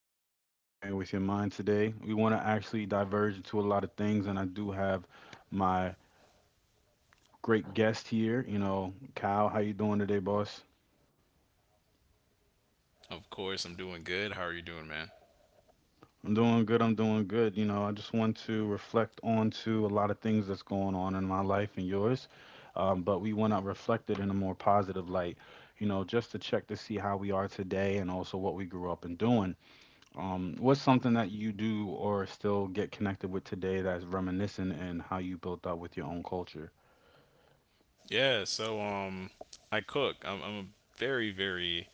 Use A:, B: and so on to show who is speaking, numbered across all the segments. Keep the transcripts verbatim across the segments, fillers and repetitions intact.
A: you know that I'll be coin with your mind today. We want to actually diverge into a lot of things, and I do have my great guest here. You know, Kyle, how you doing today, boss?
B: Of course, I'm doing good. How are you doing, man?
A: I'm doing good. I'm doing good. You know, I just want to reflect on to a lot of things that's going on in my life and yours, um, but we want to reflect it in a more positive light. You know, just to check to see how we are today and also what we grew up in doing. Um, what's something that you do or still get connected with today that's reminiscent and how you built up with your own culture?
B: Yeah, so um I cook. I'm I'm a very very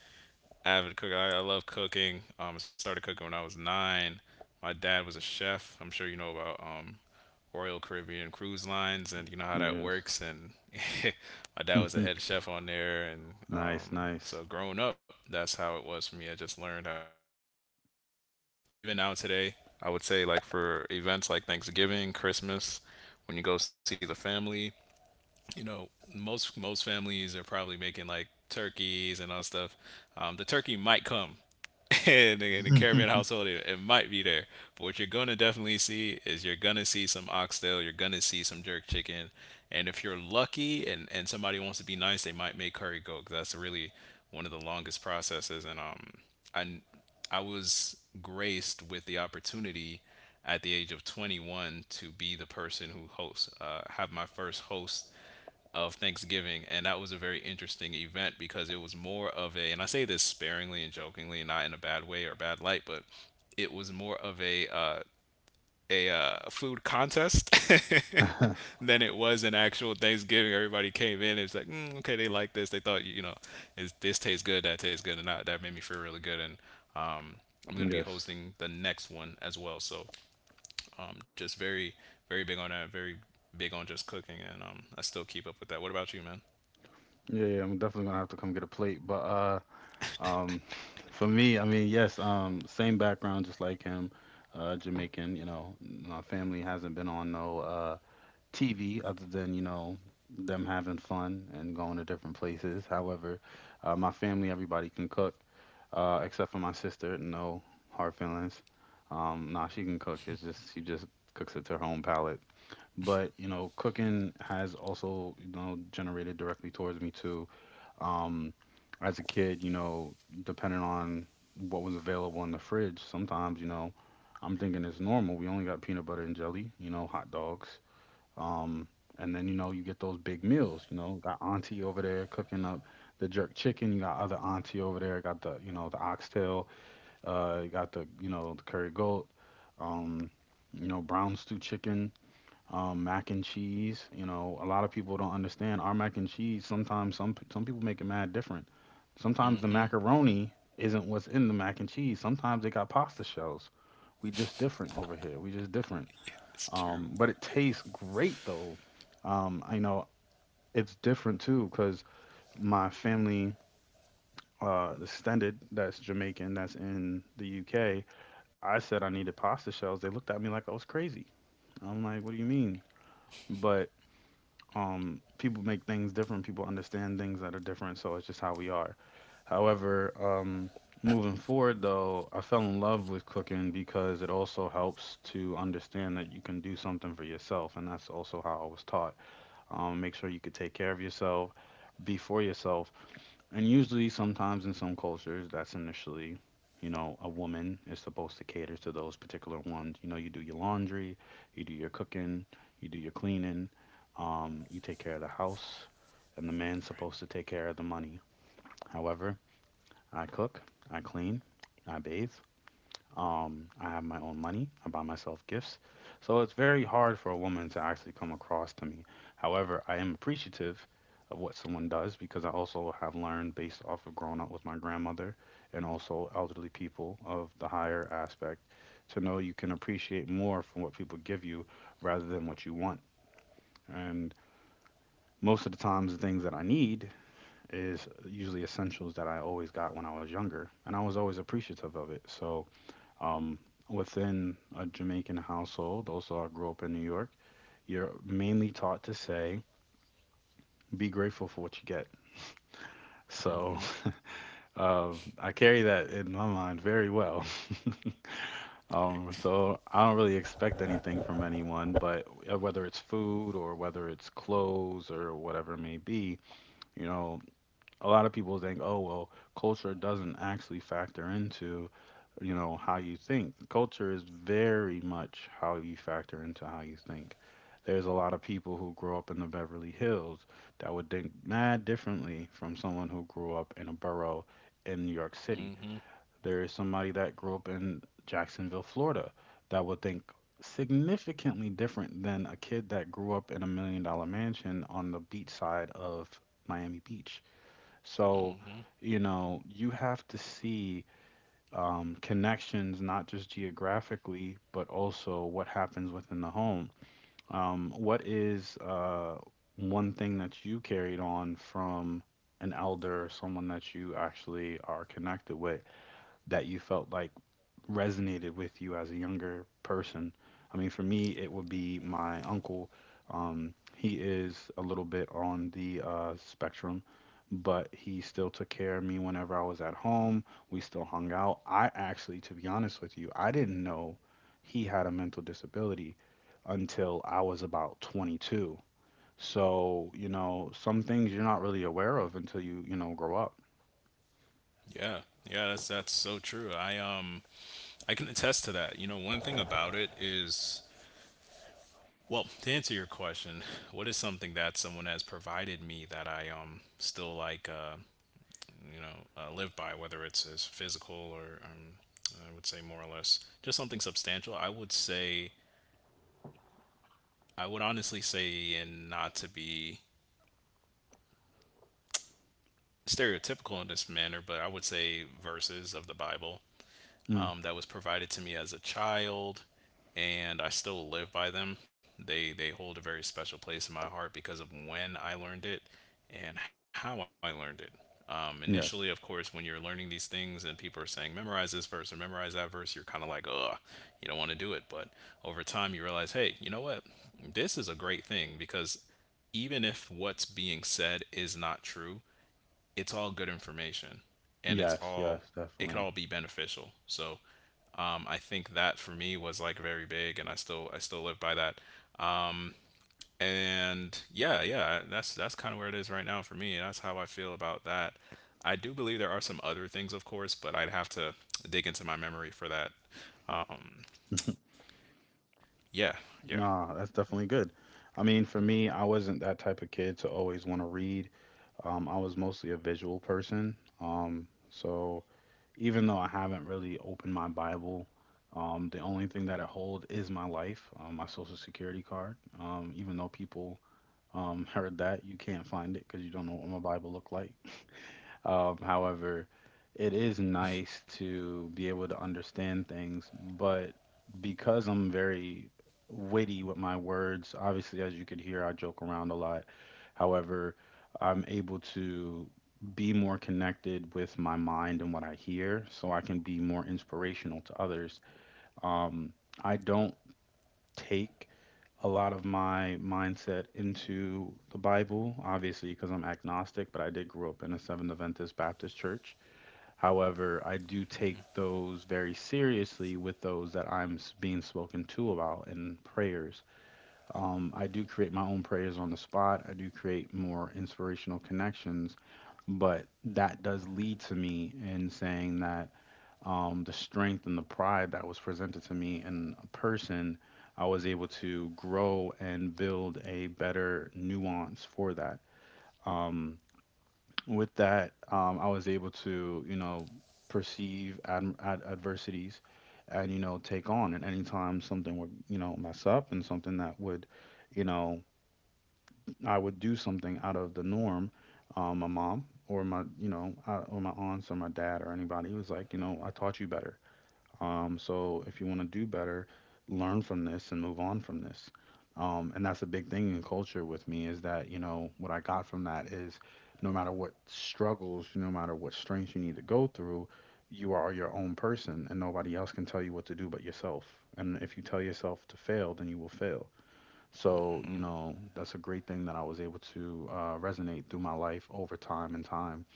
B: avid cook. I, I love cooking. Um, I started cooking when I was nine. My dad was a chef. I'm sure you know about um, Royal Caribbean Cruise Lines, and you know how that
A: Yes.
B: works. And my dad was a head chef on there, and
A: Nice,
B: um,
A: nice.
B: so growing up, that's how it was for me. I just learned how to cook. So um, Even now today, I would say like for events like Thanksgiving, Christmas, when you go see the family, you know, most most families are probably making like turkeys and all stuff um, The turkey might come in the, in the caravan household it, it might be there, but what you're gonna definitely see is you're gonna see some oxtail, you're gonna see some jerk chicken. And if you're lucky, and and somebody wants to be nice, they might make curry goat, 'cause that's really one of the longest processes. And um i i was graced with the opportunity at the age of twenty-one to be the person who hosts, uh, have my first host of Thanksgiving, and that was a very interesting event because it was more of a, and I say this sparingly and jokingly, not in a bad way or bad light, but it was more of a uh, a uh, food contest than it was an actual Thanksgiving. Everybody came in, it's like, mm, okay, they like this, they thought, you know, is this tastes good, that tastes good, and that that made me feel really good. And um, I'm gonna be
A: Yes.
B: hosting the next one as well, so um, just very very big on that, very big on just cooking, and um, I still keep up with that. What about you, man?
A: Yeah, yeah, I'm definitely gonna have to come get a plate. But uh um for me, I mean, yes, um same background just like him, uh Jamaican, you know, my family hasn't been on no uh T V other than, you know, them having fun and going to different places. However, uh my family, everybody can cook. Uh, except for my sister, no hard feelings. Um, nah, she can cook. It's just she just cooks it to her own palate. But you know, cooking has also you know generated directly towards me too. Um, as a kid, you know, depending on what was available in the fridge, sometimes you know, I'm thinking it's normal. We only got peanut butter and jelly, you know, hot dogs. Um, and then you know you get those big meals. You know, got auntie over there cooking up the jerk chicken. You got other auntie over there. Got the you know the oxtail uh, you got the you know the curry goat, um, you know brown stew chicken, um, mac and cheese. You know a lot of people don't understand our mac and cheese. Sometimes some some people make it mad different. Sometimes the macaroni isn't what's in the mac and cheese. Sometimes they got pasta shells. We just different over here. We just different.
B: It's true.
A: Um, but it tastes great though. Um, I know it's different too because my family, uh, extended that's Jamaican, that's in the U K. I said I needed pasta shells. They looked at me like I was crazy. I'm like, what do you mean? But um, people make things different. People understand things that are different. So it's just how we are. However, um, moving forward, though, I fell in love with cooking because it also helps to understand that you can do something for yourself. And that's also how I was taught. Um, make sure you could take care of yourself, be for yourself, and usually, sometimes in some cultures, that's initially, you know, a woman is supposed to cater to those particular ones. You know, you do your laundry, you do your cooking, you do your cleaning, um, you take care of the house, and the man's supposed to take care of the money. However, I cook, I clean, I bathe, um, I have my own money. I buy myself gifts. So it's very hard for a woman to actually come across to me. However, I am appreciative of what someone does because I also have learned based off of growing up with my grandmother and also elderly people of the higher aspect to know you can appreciate more from what people give you rather than what you want. And most of the times, the things that I need is usually essentials that I always got when I was younger, and I was always appreciative of it. So um, within a Jamaican household, also I grew up in New York, you're mainly taught to say, be grateful for what you get. So um, I carry that in my mind very well. Um,
B: Right.
A: so I don't really expect anything from anyone, but uh, whether it's food or whether it's clothes or whatever it may be, you know, a lot of people think, oh, well, culture doesn't actually factor into, you know, how you think. Culture is very much how you factor into how you think. There's a lot of people who grew up in the Beverly Hills that would think mad differently from someone who grew up in a borough in New York City.
B: Mm-hmm.
A: There is somebody that grew up in Jacksonville, Florida, that would think significantly different than a kid that grew up in a million dollar mansion on the beach side of Miami Beach so,
B: Mm-hmm.
A: you know, you have to see um, connections not just geographically, but also what happens within the home. Um, what is uh, one thing that you carried on from an elder, someone that you actually are connected with, that you felt like resonated with you as a younger person? I mean, for me, it would be my uncle. Um, he is a little bit on the uh, spectrum, but he still took care of me whenever I was at home. We still hung out. I actually, to be honest with you, I didn't know he had a mental disability until I was about twenty-two. So, you know, some things you're not really aware of until you, you know, grow up.
B: Yeah. Yeah, that's that's so true. I um I can attest to that. You know, one thing about it is, well, to answer your question, what is something that someone has provided me that I um still like uh you know uh, live by, whether it's as physical or um I would say more or less just something substantial. I would say I would honestly say, and not to be stereotypical in this manner, but I would say verses of the Bible.
A: Mm.
B: Um, that was provided to me as a child, and I still live by them. They they hold a very special place in my heart because of when I learned it and how I learned it. Um, initially, of
A: Yes.
B: course, when you're learning these things and people are saying memorize this verse or memorize that verse, you're kind of like, ugh, you don't want to do it. But over time, you realize, hey, you know what? This is a great thing, because even if what's being said is not true, it's all good information, and it's
A: Yes,
B: all,
A: yes,
B: it could
A: definitely.
B: all be beneficial. So um, I think that for me was like very big, and i still i still live by that. And yeah, yeah, that's that's kind of where it is right now for me. That's how I feel about that. I do believe there are some other things, of course, but I'd have to dig into my memory for that um, yeah. Yeah.
A: Nah, that's definitely good. I mean, for me, I wasn't that type of kid to always want to read. Um, I was mostly a visual person. Um, so even though I haven't really opened my Bible, um, the only thing that it holds is my life, um, my social security card. Um, even though people um, heard that, you can't find it because you don't know what my Bible looked like. Um, however, it is nice to be able to understand things, but because I'm very witty with my words, obviously, as you could hear, I joke around a lot. However, I'm able to be more connected with my mind and what I hear, so I can be more inspirational to others. Um, I don't take a lot of my mindset into the Bible, obviously, because I'm agnostic, but I did grow up in a Seventh Adventist Baptist church. However, I do take those very seriously with those that I'm s- being spoken to about in prayers. Um, I do create my own prayers on the spot. I do create more inspirational connections, but that does lead to me in saying that um, the strength and the pride that was presented to me in a person, I was able to grow and build a better nuance for that. Um, with that, um, I was able to, you know, perceive ad- ad- adversities and, you know, take on. And anytime something would, you know, mess up and something that would, you know, I would do something out of the norm, um, my mom or my, you know, uh, or my aunts or my dad or anybody was like, you know, I taught you better. Um, so if you want to do better, learn from this and move on from this. Um, and that's a big thing in culture with me is that, you know, what I got from that is no matter what struggles, no matter what strengths you need to go through, you are your own person and nobody else can tell you what to do but yourself. And if you tell yourself to fail, then you will fail. So, you
B: Mm-hmm.
A: know, that's a great thing that I was able to uh, resonate through my life over time and time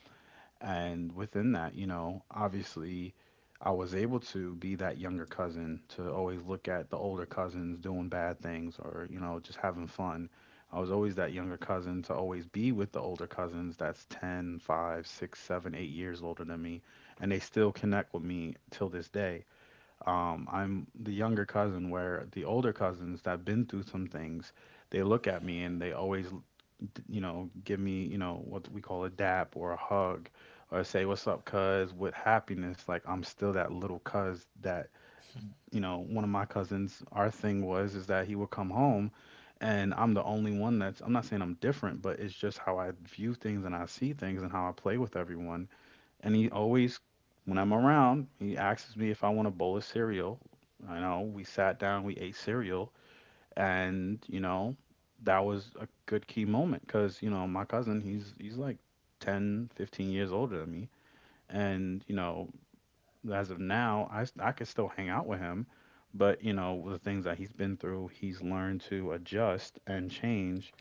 A: and within that, you know, obviously I was able to be that younger cousin to always look at the older cousins doing bad things or, you know, just having fun. I was always that younger cousin to always be with the older cousins that's ten, five, six, seven, eight years older than me. And they still connect with me till this day. Um, I'm the younger cousin where the older cousins that have been through some things, they look at me and they always d- you know, give me, you know, what we call a dap or a hug or say, what's up, cuz, with happiness. Like, I'm still that little cuz that, you know, one of my cousins, our thing was, is that he would come home and I'm the only one that's, I'm not saying I'm different, but it's just how I view things and I see things and how I play with everyone. And he always, when I'm around, he asks me if I want a bowl of cereal. I know we sat down, we ate cereal, and you know that was a good key moment because you know my cousin, he's he's like ten fifteen years older than me. And you know as of now, i s- i could still hang out with him. But you know with the things that he's been through, he's learned to adjust and change.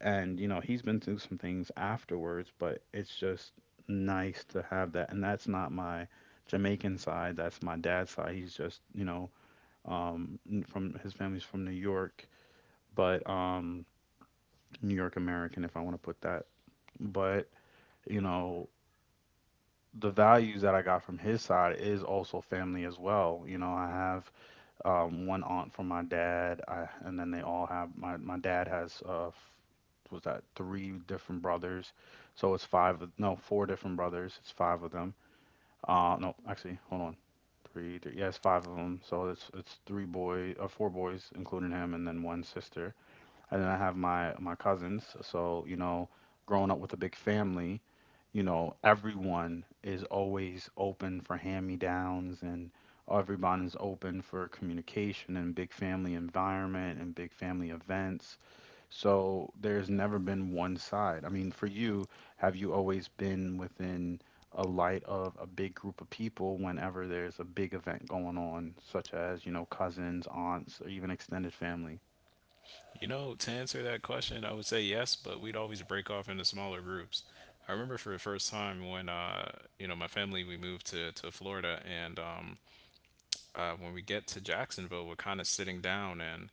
A: And you know he's been through some things afterwards, but it's just nice to have that. And that's not my Jamaican side. That's my dad's side. He's just you know um n- from his family's from New York, but um New York American, if I want to put that. But, you know, the values that I got from his side is also family as well. You know, I have um, one aunt from my dad, I, and then they all have my, my dad has uh, f- was that three different brothers, so it's five of- no, four different brothers. It's five of them. Uh, no, actually, hold on, three, three yeah, it's five of them. So it's it's three boy, uh, four boys, including him, and then one sister, and then I have my my cousins. So, you know, growing up with a big family, you know, everyone is always open for hand-me-downs, and everyone is open for communication and big family environment and big family events. So, there's never been one side. I mean, for you, have you always been within a light of a big group of people whenever there's a big event going on, such as, you know, cousins, aunts, or even extended family?
B: You know, to answer that question, I would say yes, but we'd always break off into smaller groups. I remember for the first time when, uh, you know, my family, we moved to, to Florida. And um, uh, when we get to Jacksonville, we're kind of sitting down and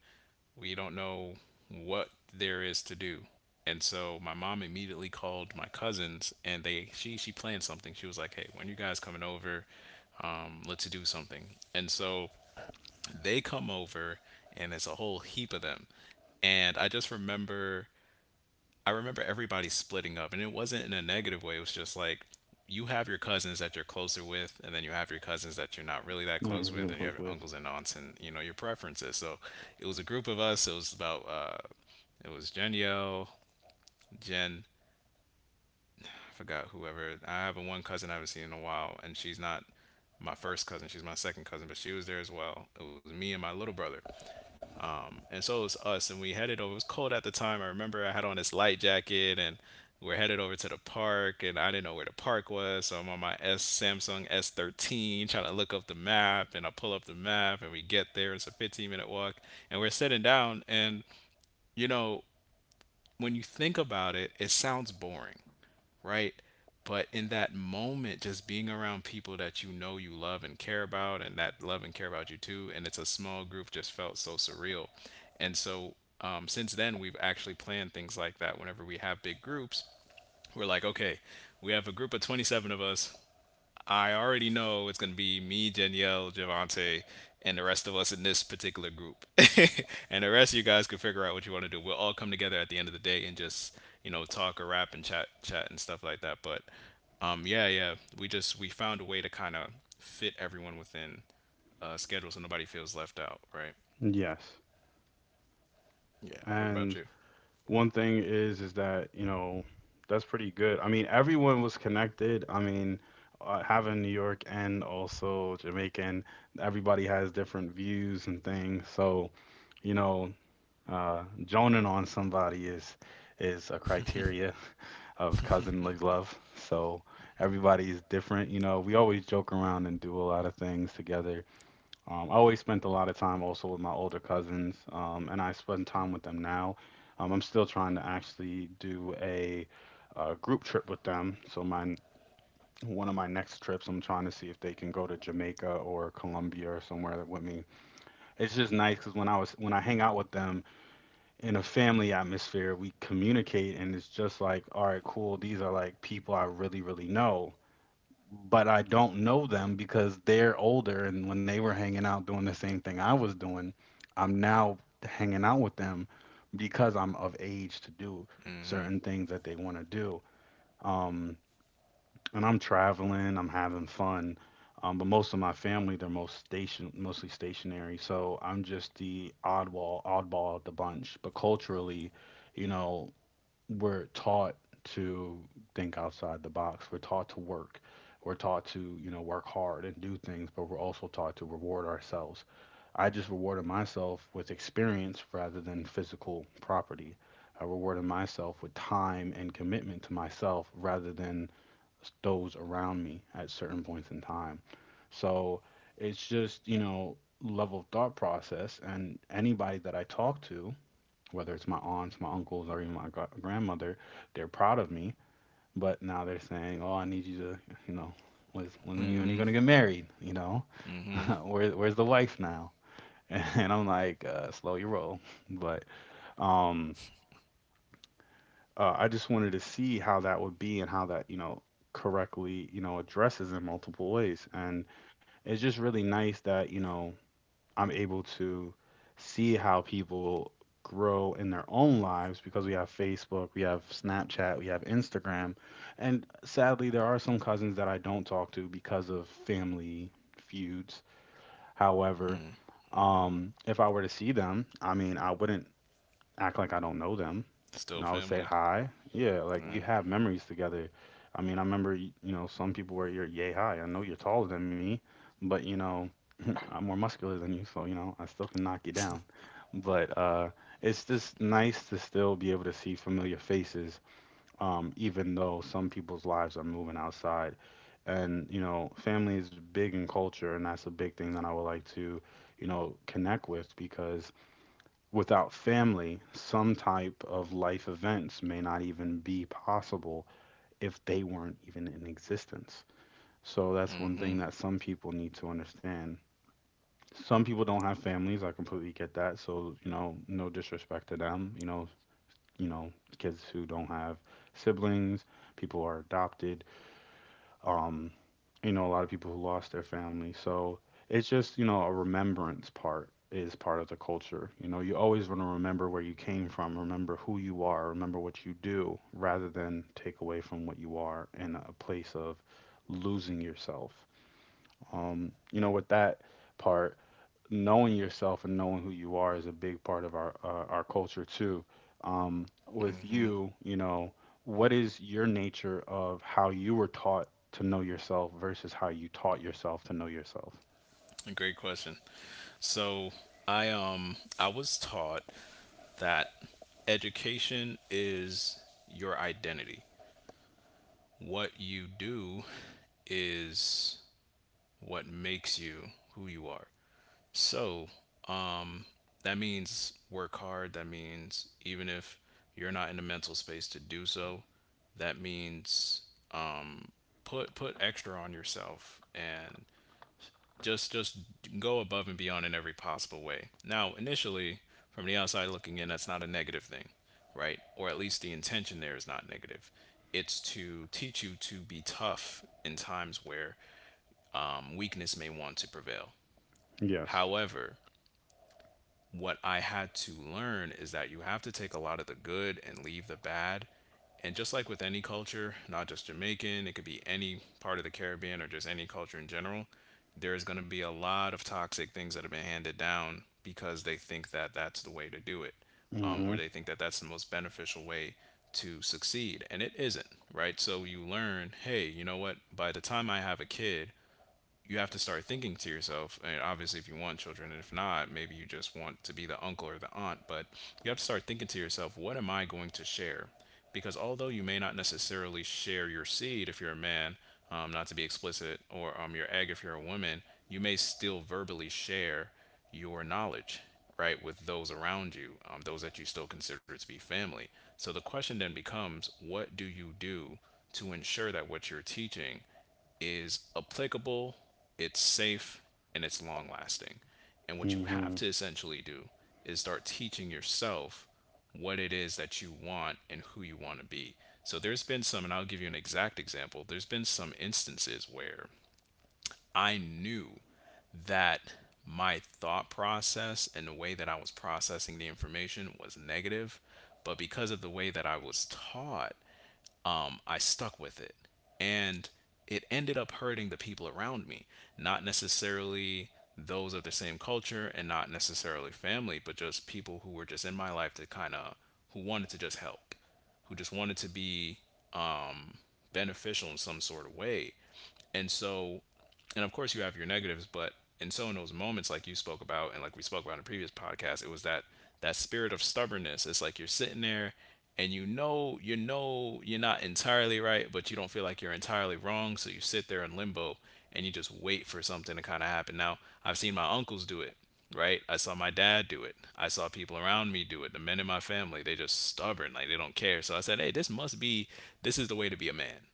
B: we don't know what there is to do. And so my mom immediately called my cousins, and they she she planned something. She was like, "Hey, when you guys coming over, um, let's do something." And so they come over, and it's a whole heap of them. And I just remember I remember everybody splitting up, and it wasn't in a negative way. It was just like, you have your cousins that you're closer with, and then you have your cousins that you're not really that
A: Not
B: close with,
A: really
B: and you have
A: close
B: your
A: with.
B: uncles and aunts, and you know your preferences. So it was a group of us. It was about uh, it was Jeniel, Jen, I forgot whoever. I have a one cousin I haven't seen in a while, and she's not my first cousin. She's my second cousin, but she was there as well. It was me and my little brother, and so was us, and we headed over. It was cold at the time. I remember I had on this light jacket, and we're headed over to the park, and I didn't know where the park was, so I'm on my s Samsung S one three trying to look up the map, and I pull up the map, and we get there. It's a 15 minute walk, and we're sitting down. And you know, when you think about it, it sounds boring, right? But in that moment, just being around people that you know you love and care about, and that love and care about you too, and it's a small group, just felt so surreal. And so um, since then, we've actually planned things like that. Whenever we have big groups, we're like, okay, we have a group of twenty-seven of us. I already know it's going to be me, Danielle, Javante, and the rest of us in this particular group. And the rest of you guys can figure out what you want to do. We'll all come together at the end of the day and just, you know, talk or rap and chat chat and stuff like that. But um yeah, yeah, we just we found a way to kind of fit everyone within uh schedule, so nobody feels left out, right?
A: Yes.
B: Yeah. What about you?
A: And one thing is is that, you know, that's pretty good. I mean, everyone was connected. I mean, uh, having New York and also Jamaican, everybody has different views and things. So, you know, uh, joning on somebody is is a criteria of cousinly love. So everybody's different. You know, we always joke around and do a lot of things together. Um, I always spent a lot of time also with my older cousins, um, and I spend time with them now. Um, I'm still trying to actually do a, uh group trip with them. So my one of my next trips, I'm trying to see if they can go to Jamaica or Colombia or somewhere with me. It's just nice because when I was when I hang out with them in a family atmosphere, we communicate, and it's just like, all right, cool. These are like people I really, really know, but I don't know them because they're older, and when they were hanging out doing the same thing I was doing, I'm now hanging out with them because I'm of age to do certain things that they want to do. Um, and I'm traveling, I'm having fun. Um, but most of my family, they're most station, mostly stationary. So I'm just the oddball, oddball of the bunch. But culturally, you know, we're taught to think outside the box. We're taught to work. We're taught to, you know, work hard and do things, but we're also taught to reward ourselves. I just rewarded myself with experience rather than physical property. I rewarded myself with time and commitment to myself rather than those around me at certain points in time. So it's just, you know, level of thought process. And anybody that I talk to, whether it's my aunts, my uncles, or even my gra- grandmother, they're proud of me. But now they're saying, "Oh, I need you to, you know, when's when are you, when are you gonna get married? You know, where where's the wife now?" And I'm like, uh, "Slow your roll." But um, uh, I just wanted to see how that would be and how that, you know, correctly, you know, addresses in multiple ways. And it's just really nice that you know I'm able to see how people grow in their own lives because we have Facebook, we have Snapchat, we have Instagram. And sadly, there are some cousins that I don't talk to because of family feuds. However, um, if I were to see them, I mean, I wouldn't act like I don't know them.
B: Still
A: You know, I would
B: family.
A: say hi. Yeah, like we have memories together. I mean, I remember, y- you know, some people were you're yay high. I know you're taller than me, but you know, I'm more muscular than you, so you know, I still can knock you down. But uh, it's just nice to still be able to see familiar faces, um, even though some people's lives are moving outside. And you know, family is big in culture, and that's a big thing that I would like to, you know, connect with, because without family, some type of life events may not even be possible if they weren't even in existence. So that's one
B: Mm-hmm.
A: thing that some people need to understand. Some people don't have families. I completely get that. So, you know, no disrespect to them. You know, you know, Kids who don't have siblings, people who are adopted, um, you know, a lot of people who lost their family. So it's just, you know, a remembrance part is part of the culture. You know, you always want to remember where you came from, remember who you are, remember what you do, rather than take away from what you are in a place of losing yourself. Um, you know, with that part, knowing yourself and knowing who you are is a big part of our uh, our culture too. Um, with you, you know, what is your nature of how you were taught to know yourself versus how you taught yourself to know yourself?
B: A great question. So I um I was taught that education is your identity. What you do is what makes you who you are. So that means work hard. That means even if you're not in the mental space to do so, that means put put extra on yourself and just just go above and beyond in every possible way. Now initially, from the outside looking in, that's not a negative thing, right? Or at least the intention there is not negative. It's to teach you to be tough in times where um, weakness may want to prevail.
A: Yes.
B: However, what I had to learn is that you have to take a lot of the good and leave the bad. And just like with any culture, not just Jamaican, it could be any part of the Caribbean or just any culture in general, there's going to be a lot of toxic things that have been handed down because they think that that's the way to do it um, or
A: Mhm.
B: they think that that's the most beneficial way to succeed, and it isn't, right? So you learn, hey, you know what, by the time I have a kid, you have to start thinking to yourself, and obviously if you want children, and if not, maybe you just want to be the uncle or the aunt, but you have to start thinking to yourself, what am I going to share? Because although you may not necessarily share your seed if you're a man um, not to be explicit, or um, your egg if you're a woman, you may still verbally share your knowledge, right, with those around you um, those that you still consider to be family. So the question then becomes, what do you do to ensure that what you're teaching is applicable, it's safe, and it's long lasting. And what you have
A: Mhm.
B: to essentially do is start teaching yourself what it is that you want and who you want to be. So there's been some, and I'll give you an exact example. There's been some instances where I knew that my thought process and the way that I was processing the information was negative, but because of the way that I was taught, um, I stuck with it. And it ended up hurting the people around me, not necessarily those of the same culture and not necessarily family, but just people who were just in my life that kind of, who wanted to just help, who just wanted to be beneficial in some sort of way. And so, and of course, you have your negatives, but in so in those moments, like you spoke about, and like we spoke about in a previous podcast, it was that that spirit of stubbornness. It's like you're sitting there, and you know you know you're not entirely right, but you don't feel like you're entirely wrong, so you sit there in limbo and you just wait for something to kind of happen. Now, I've seen my uncles do it, right? I saw my dad do it. I saw people around me do it. The men in my family, they just stubborn, like they don't care. So I said, "Hey, this must be this is the way to be a man."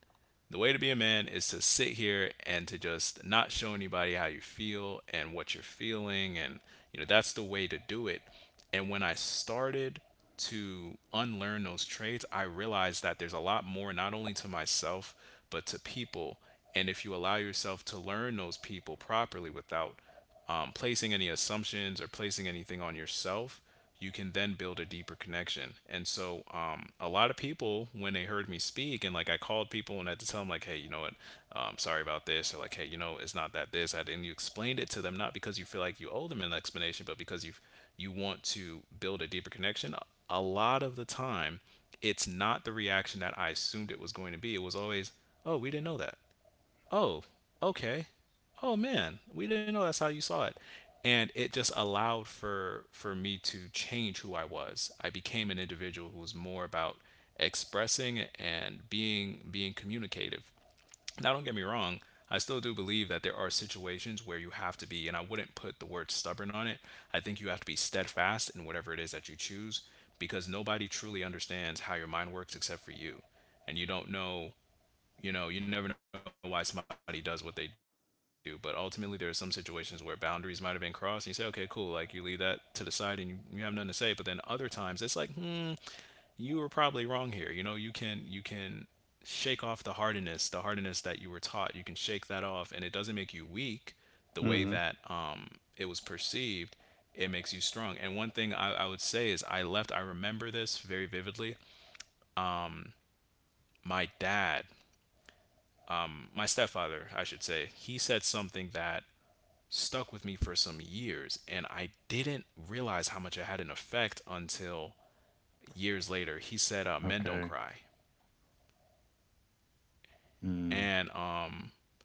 B: The way to be a man is to sit here and to just not show anybody how you feel and what you're feeling. And, you know, that's the way to do it. And when I started to unlearn those traits, I realized that there's a lot more, not only to myself, but to people. And if you allow yourself to learn those people properly without um, placing any assumptions or placing anything on yourself, you can then build a deeper connection. And so, um, a lot of people, when they heard me speak, and like I called people and I had to tell them, like, hey, you know what, um, sorry about this, or like, hey, you know, it's not that this, that," and you explained it to them, not because you feel like you owe them an explanation, but because you you want to build a deeper connection. A lot of the time, it's not the reaction that I assumed it was going to be. It was always, oh, we didn't know that. Oh, okay. Oh man, we didn't know that's how you saw it. And it just allowed for for me to change who I was. I became an individual who was more about expressing and being being communicative. Now don't get me wrong, I still do believe that there are situations where you have to be and I wouldn't put the word stubborn on it. I think you have to be steadfast in whatever it is that you choose because nobody truly understands how your mind works except for you and you don't know you know, you never know why somebody does what they do, but ultimately there are some situations where boundaries might have been crossed and you say, okay, cool, like you leave that to the side and you, you have nothing to say. But then other times it's like, hmm, you were probably wrong here. You know, you can you can shake off the hardiness, the hardiness that you were taught. You can shake that off and it doesn't make you weak the way
A: Mhm.
B: that um it was perceived. It makes you strong. And one thing I, I would say is I left, I remember this very vividly. My dad, my stepfather, I should say, he said something that stuck with me for some years and I didn't realize how much it had an effect until years later. He said uh, men
A: Okay.
B: don't cry.
A: Mm.
B: And um,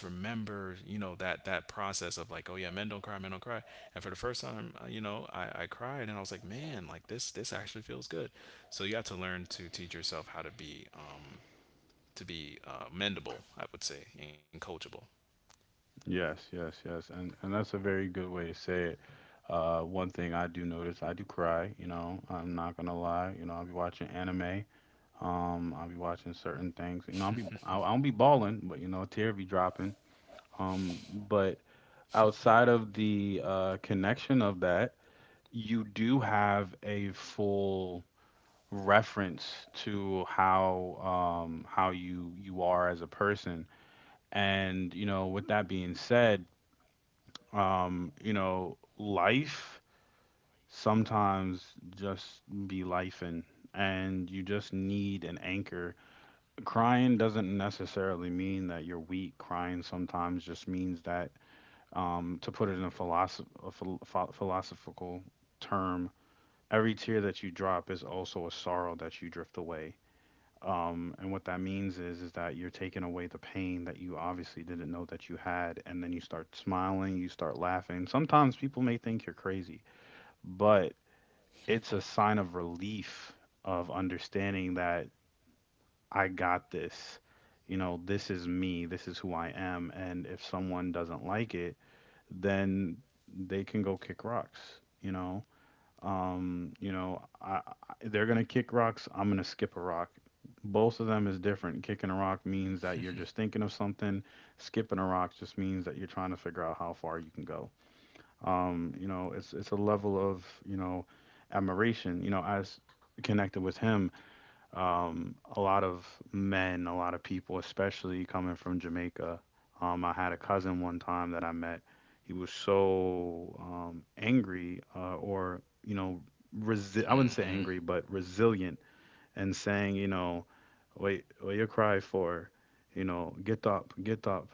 B: I just remember, you know, that that process of like, oh yeah, men don't cry, men don't cry. And for the first time, uh, you know, I, I cried and I was like, man, like this this actually feels good. So you have to learn to teach yourself how to be uh, to be uh, mendable, I would say, and coachable.
A: Yes. Yes. Yes. And and that's a very good way to say it. Uh, one thing I do notice, I do cry. You know, I'm not gonna lie. You know, I'll be watching anime. Um, I'll be watching certain things. You know, I'll be I, I won't be balling, but you know, a tear be dropping. Um, but outside of the uh, connection of that, you do have a full reference to how um how you you are as a person. And you know, with that being said, um, you know, life sometimes just be life, and and you just need an anchor. Crying doesn't necessarily mean that you're weak. Crying sometimes just means that, um, to put it in a, philosoph- a phil- pho- philosophical term, every tear that you drop is also a sorrow that you drift away. Um, and what that means is is that you're taking away the pain that you obviously didn't know that you had, and then you start smiling, you start laughing. Sometimes people may think you're crazy, but it's a sign of relief of understanding that I got this. You know, this is me. This is who I am. And if someone doesn't like it, then they can go kick rocks. You know, um, you know, I, I, they're gonna kick rocks. I'm gonna skip a rock. Both of them is different. Kicking a rock means that you're just thinking of something. Skipping a rock just means that you're trying to figure out how far you can go. Um, you know, it's it's a level of you know admiration. You know, as connected with him, um, a lot of men, a lot of people, especially coming from Jamaica. Um, I had a cousin one time that I met. He was so um, angry, uh, or you know, resi- I wouldn't say angry,
B: Hmm.
A: but resilient, and saying, you know, wait, what you cry for? You know, get up, get up,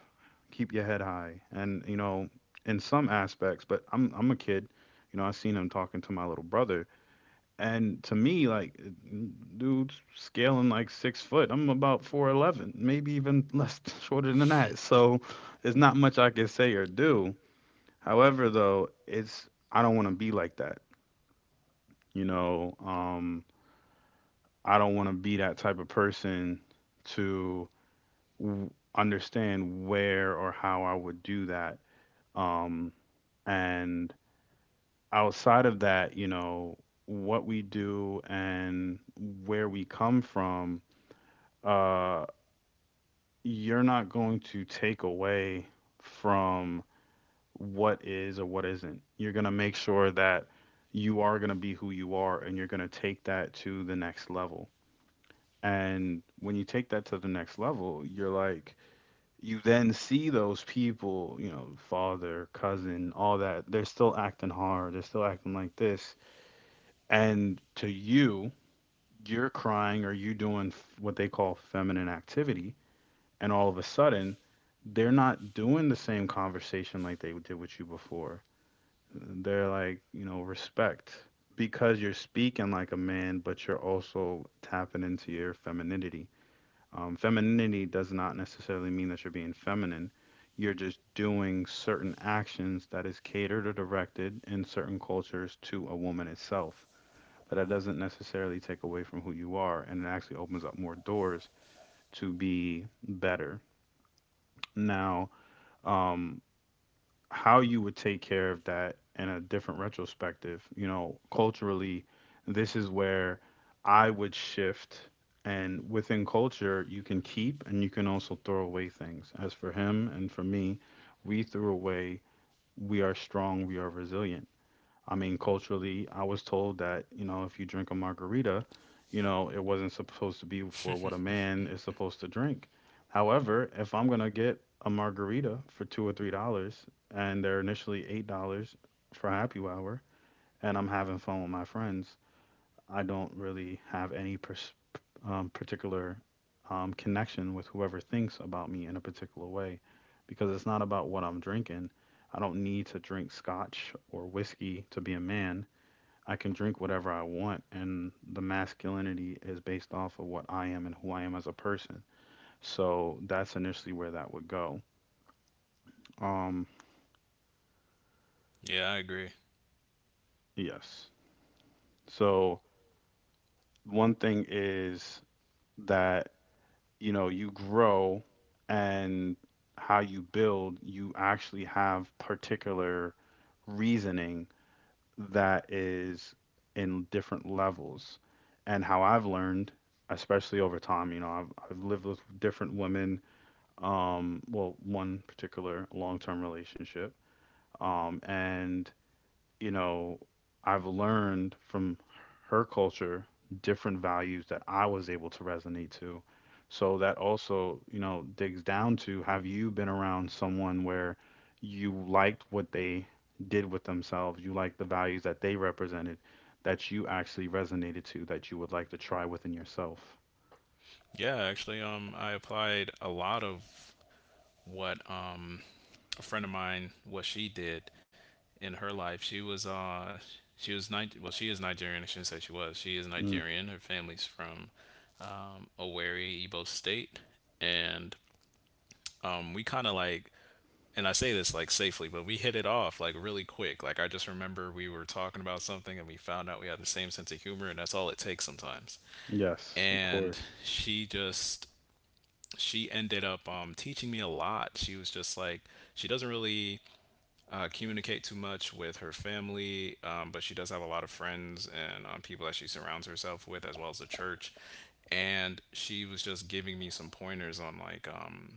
A: keep your head high, and you know, in some aspects. But I'm I'm a kid, you know. I seen him talking to my little brother, and to me, like, dude's scaling like six foot. I'm about four'eleven, maybe even less shorter than that. So it's not much I can say or do. However, though, it's, I don't want to be like that. You know, um, I don't want to be that type of person to w- understand where or how I would do that. Um, and outside of that, you know, what we do and where we come from, uh, you're not going to take away from what is or what isn't. You're going to make sure that you are going to be who you are and you're going to take that to the next level. And when you take that to the next level, you're like, you then see those people, you know, father, cousin, all that, they're still acting hard, they're still acting like this. And to you, you're crying or you doing f- what they call feminine activities, and all of a sudden they're not doing the same conversation like they did with you before. They're like, you know, respect, because you're speaking like a man, but you're also tapping into your femininity. Um, femininity does not necessarily mean that you're being feminine. You're just doing certain actions that is catered or directed in certain cultures to a woman itself. But that doesn't necessarily take away from who you are, and it actually opens up more doors to be better. Now, um, how you would take care of that in a different retrospective, you know, culturally, this is where I would shift. And within culture, you can keep and you can also throw away things. As for him and for me, we threw away, we are strong, we are resilient. I mean, culturally, I was told that, you know, if you drink a margarita, you know, it wasn't supposed to be for what a man is supposed to drink. However, if I'm going to get a margarita for two or three dollars and they're initially eight dollars for happy hour and I'm having fun with my friends, I don't really have any pers- um, particular um, connection with whoever thinks about me in a particular way, because it's not about what I'm drinking. I don't need to drink scotch or whiskey to be a man. I can drink whatever I want, and the masculinity is based off of what I am and who I am as a person. So that's initially where that would go. Um,
B: Yeah, I agree.
A: yes. So one thing is that, you know, you grow, and how you build, you actually have particular reasoning that is in different levels. And how I've learned, especially over time, you know, I've, I've lived with different women, um well, one particular long-term relationship, um and, you know, I've learned from her culture different values that I was able to resonate to. So that also, you know, digs down to: have you been around someone where you liked what they did with themselves, you liked the values that they represented, that you actually resonated to, that you would like to try within yourself?
B: Yeah, actually, um, I applied a lot of what um a friend of mine what she did in her life. She was uh she was Niger- well she is Nigerian. I shouldn't say she was. She is
A: Mm,
B: Nigerian. Her family's from um, Owerri, Igbo State, and um we kind of like and I say this like safely, but we hit it off like really quick. Like I just remember we were talking about something and we found out we had the same sense of humor, and that's all it takes sometimes.
A: yes, of
B: And
A: course.
B: she just she ended up um, teaching me a lot. She was just like she doesn't really uh, communicate too much with her family, um, but she does have a lot of friends and um, people that she surrounds herself with, as well as the church. And she was just giving me some pointers on like um,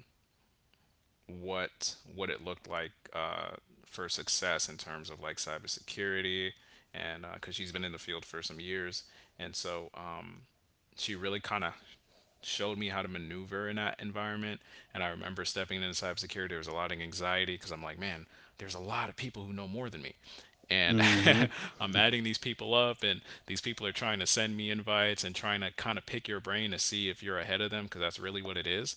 B: what what it looked like uh, for success in terms of like cybersecurity, and because she's been in the field for some years, and so um, she really kind of showed me how to maneuver in that environment. And I remember stepping into cybersecurity, there was a lot of anxiety because I'm like, man, there's a lot of people who know more than me. And
A: Mhm.
B: I'm adding these people up, and these people are trying to send me invites and trying to kind of pick your brain to see if you're ahead of them because that's really what it is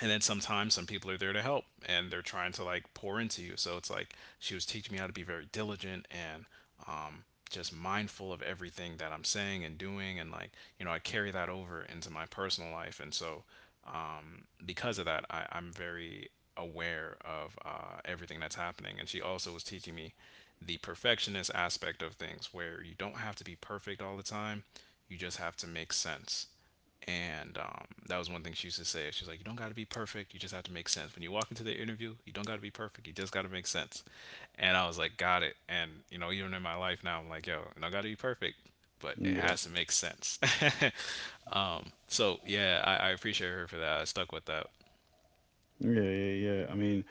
B: and then sometimes some people are there to help and they're trying to like pour into you so it's like she was teaching me how to be very diligent and um, just mindful of everything that I'm saying and doing and like you know I carry that over into my personal life and so because of that, I, I'm very aware of uh, everything that's happening. And she also was teaching me the perfectionist aspect of things, where you don't have to be perfect all the time, you just have to make sense. And um, that was one thing she used to say. She's like, you don't got to be perfect. You just have to make sense. When you walk into the interview, you don't got to be perfect. You just got to make sense. And I was like, got it. And, you know, even in my life now, I'm like, yo, I don't got to be perfect, but it has to
A: Yes.
B: make sense. Um, so yeah, I, I appreciate her for that. I stuck with that.
A: Yeah, yeah, yeah. I mean,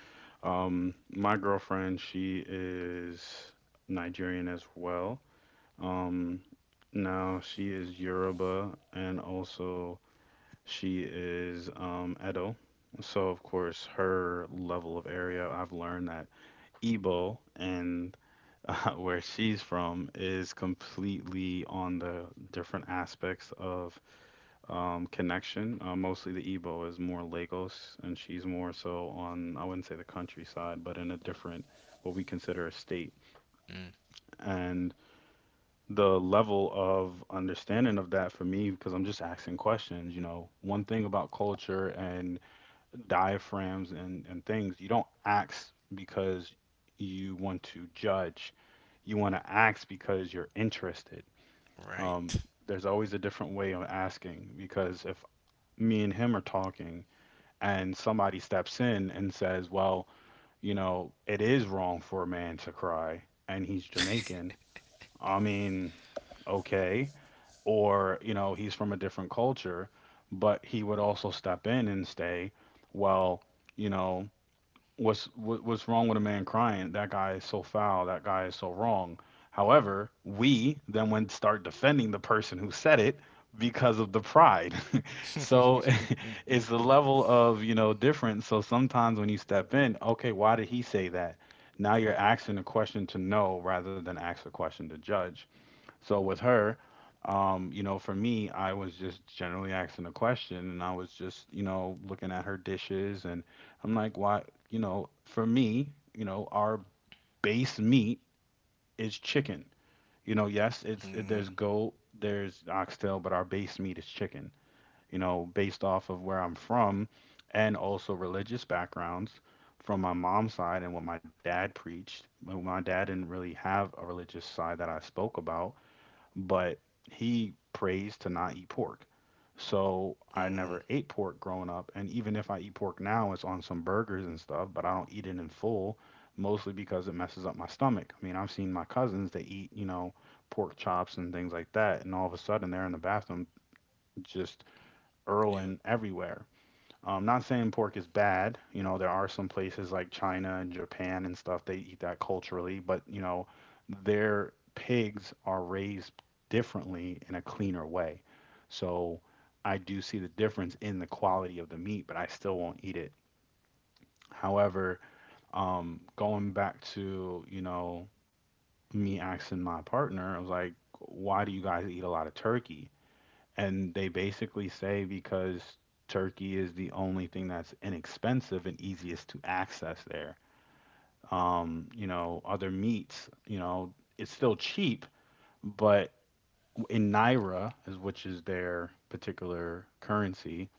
A: um, my girlfriend, she is Nigerian as well. Um, Now she is Yoruba, and also she is um, Edo. So of course, her level of area, I've learned that Igbo and uh, where she's from is completely on the different aspects of um, connection. Uh, mostly the Igbo is more Lagos, and she's more so on, I wouldn't say the countryside, but in a different, what we consider a state.
B: Mm,
A: And the level of understanding of that for me, because I'm just asking questions, you know, one thing about culture and diaphragms and, and things, you don't ask because you want to judge. You want to ask because you're interested. Um,
B: right.
A: there's always a different way of asking, because if me and him are talking and somebody steps in and says, well, you know, it is wrong for a man to cry, and he's Jamaican, I mean, okay. Or, you know, he's from a different culture, but he would also step in and say, well, you know, what's what, what's wrong with a man crying? That guy is so foul. That guy is so wrong. However, we then went start defending the person who said it because of the pride. So it's the level of, you know, difference. So sometimes when you step in, okay, why did he say that? Now you're asking a question to know rather than ask a question to judge. So with her, um, you know, for me, I was just generally asking a question, and I was just, you know, looking at her dishes, and I'm like, why, you know, for me, you know, our base meat is chicken. You know, yes, it's it,
B: Mm-hmm.
A: there's goat, there's oxtail, but our base meat is chicken. You know, based off of where I'm from and also religious backgrounds from my mom's side, and what my dad preached. My my dad didn't really have a religious side that I spoke about, but he prays to not eat pork. So I
B: Mm-hmm.
A: never ate pork growing up, and even if I eat pork now, it's on some burgers and stuff, but I don't eat it in full, mostly because it messes up my stomach. I mean, I've seen my cousins, they eat, you know, pork chops and things like that, and all of a sudden they're in the bathroom just
B: Yep.
A: earling everywhere. I'm not saying pork is bad. You know, there are some places like China and Japan and stuff, they eat that culturally, but, you know, their pigs are raised differently in a cleaner way. So I do see the difference in the quality of the meat, but I still won't eat it. However, um, going back to, you know, me asking my partner, I was like, why do you guys eat a lot of turkey? And they basically say, because Turkey is the only thing that's inexpensive and easiest to access there. Um, you know, other meats, you know, it's still cheap, but in naira, is which is their particular currency,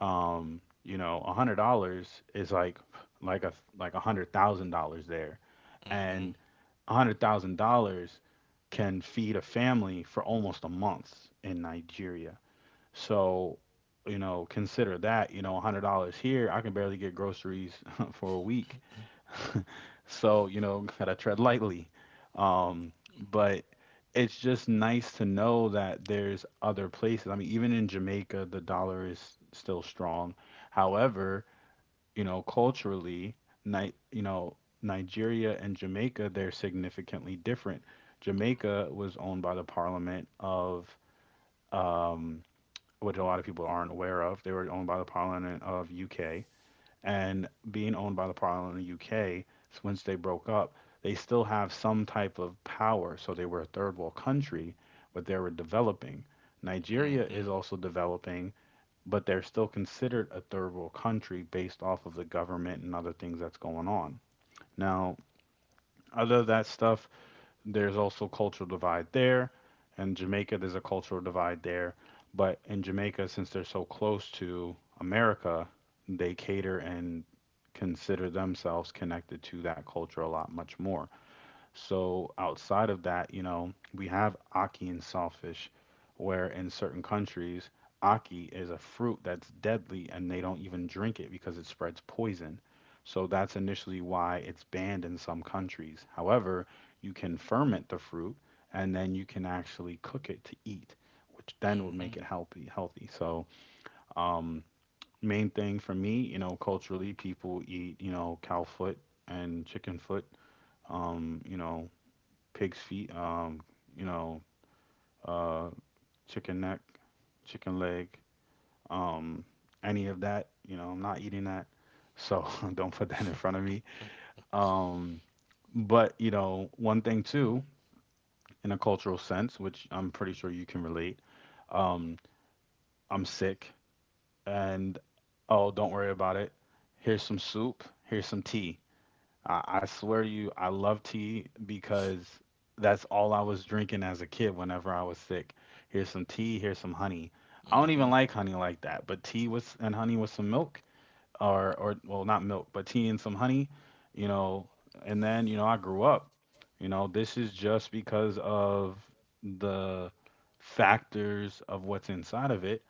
A: um, you know, a hundred dollars is like like a like a hundred thousand dollars there,
B: Mm-hmm.
A: and a hundred thousand dollars can feed a family for almost a month in Nigeria. So, you know, consider that, you know, one hundred dollars here, I can barely get groceries for a week. So, you know, gotta tread lightly. Um, but it's just nice to know that there's other places. I mean, even in Jamaica, the dollar is still strong. However, you know, culturally, Ni you know, Nigeria and Jamaica, they're significantly different. Jamaica was owned by the Parliament of um, which a lot of people aren't aware of. They were owned by the Parliament of U K, and being owned by the Parliament of U K, once they broke up, they still have some type of power. So they were a third world country, but they were developing. Nigeria is also developing, but they're still considered a third world country based off of the government and other things that's going on. Now, other that stuff, there's also cultural divide there, and Jamaica there's a cultural divide there. But in Jamaica, since they're so close to America, they cater and consider themselves connected to that culture a lot much more. So outside of that, you know, we have Aki and saltfish, where in certain countries, Aki is a fruit that's deadly and they don't even drink it because it spreads poison. So that's initially why it's banned in some countries. However, you can ferment the fruit, and then you can actually cook it to eat, which then would make
B: Mm-hmm.
A: it healthy healthy. So um main thing for me, you know, culturally people eat, you know, cow foot and chicken foot, um, you know, pig's feet, um, you know, uh, chicken neck, chicken leg, um, any of that. You know, I'm not eating that, so don't put that in front of me. Um, but you know, one thing too, in a cultural sense, which I'm pretty sure you can relate, um, I'm sick, and oh, don't worry about it. Here's some soup. Here's some tea. I, I swear to you, I love tea because that's all I was drinking as a kid whenever I was sick. Here's some tea, here's some honey. I don't even
B: Mm-hmm.
A: like honey like that, but tea with and honey with some milk or or well, not milk, but tea and some honey, you know. And then, you know, I grew up. You know, this is just because of the factors of what's inside of it.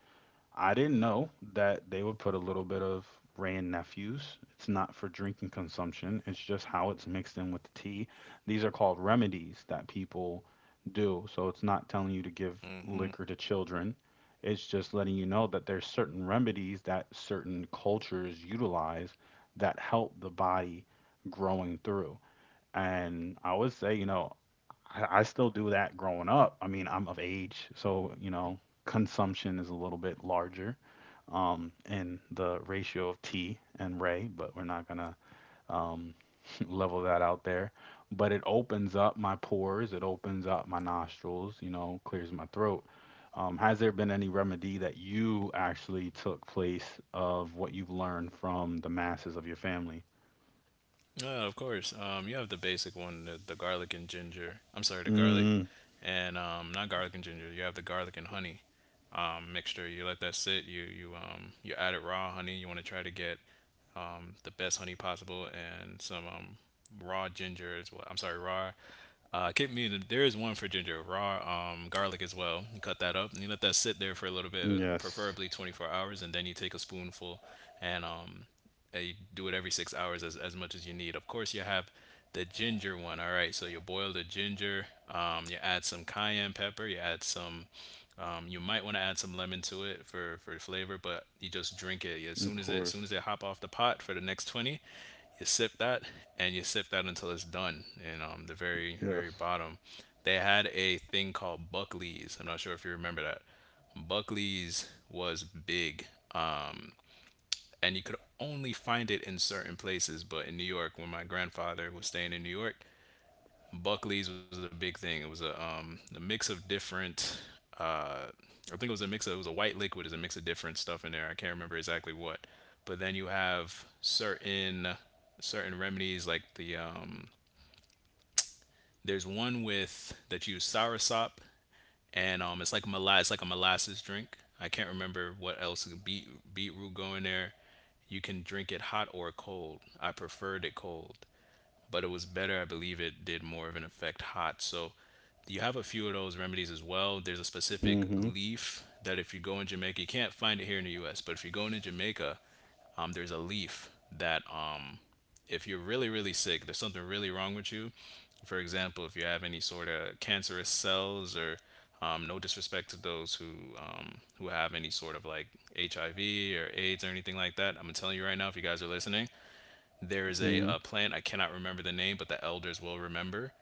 A: I didn't know that they would put a little bit of Ray and Nephew's. It's not for drinking consumption, it's just how it's mixed in with the tea. These are called remedies that people do. So it's not telling you to
B: Mm-hmm.
A: give liquor to children. It's just letting you know that there's certain remedies that certain cultures utilize that help the body growing through. And I would say, you know, I I still do that growing up. I mean, I'm of age, so you know, consumption is a little bit larger um, in the ratio of tea and ray, but we're not gonna um, level that out there. But it opens up my pores, it opens up my nostrils, you know, clears my throat. Um, has there been any remedy that you actually took place of what you've learned from the masses of your family?
B: Yeah, of course. Um, you have the basic one, the, the garlic and ginger. I'm sorry, the garlic
A: Mm,
B: and um, not garlic and ginger. You have the garlic and honey um mixture. You let that sit. You you um you add it raw honey. You want to try to get um, the best honey possible, and some um, raw ginger as well. I'm sorry, raw. Uh, kick me. There is one for ginger, raw um, garlic as well. You cut that up and you let that sit there for a little bit,
A: yes,
B: preferably twenty-four hours, and then you take a spoonful and um, and you do it every six hours as, as much as you need. Of course, you have the ginger one. All right, so you boil the ginger, um, you add some cayenne pepper, you add some um, you might want to add some lemon to it for for flavor, but you just drink it as
A: of
B: soon as it as soon as
A: course.
B: it hop off the pot for the next twenty. You sip that and you sip that until it's done. And um, the very
A: Yes.
B: very bottom, they had a thing called Buckley's. I'm not sure if you remember that. Buckley's was big, and you could only find it in certain places. But in New York, when my grandfather was staying in New York, Buckley's was a big thing. It was a um a mix of different uh I think it was a mix of it was a white liquid, is a mix of different stuff in there. I can't remember exactly what. But then you have certain certain remedies like the um there's one with that you use soursop and um it's like molass it's like a molasses drink. I can't remember what else beet beetroot go in there. You can drink it hot or cold. I preferred it cold but it was better. I believe it did more of an effect hot. So you have a few of those remedies as well. There's a specific leaf that if you go in Jamaica, you can't find it here in the U S. But if you're going to Jamaica, um, there's a leaf that um, if you're really really sick, there's something really wrong with you. For example, if you have any sort of cancerous cells or um, no disrespect to those who um, who have any sort of like H I V or AIDS or anything like that. I'm telling you right now, if you guys are listening, there is a,
A: Mhm.
B: uh plant I cannot remember the name, but the elders will remember.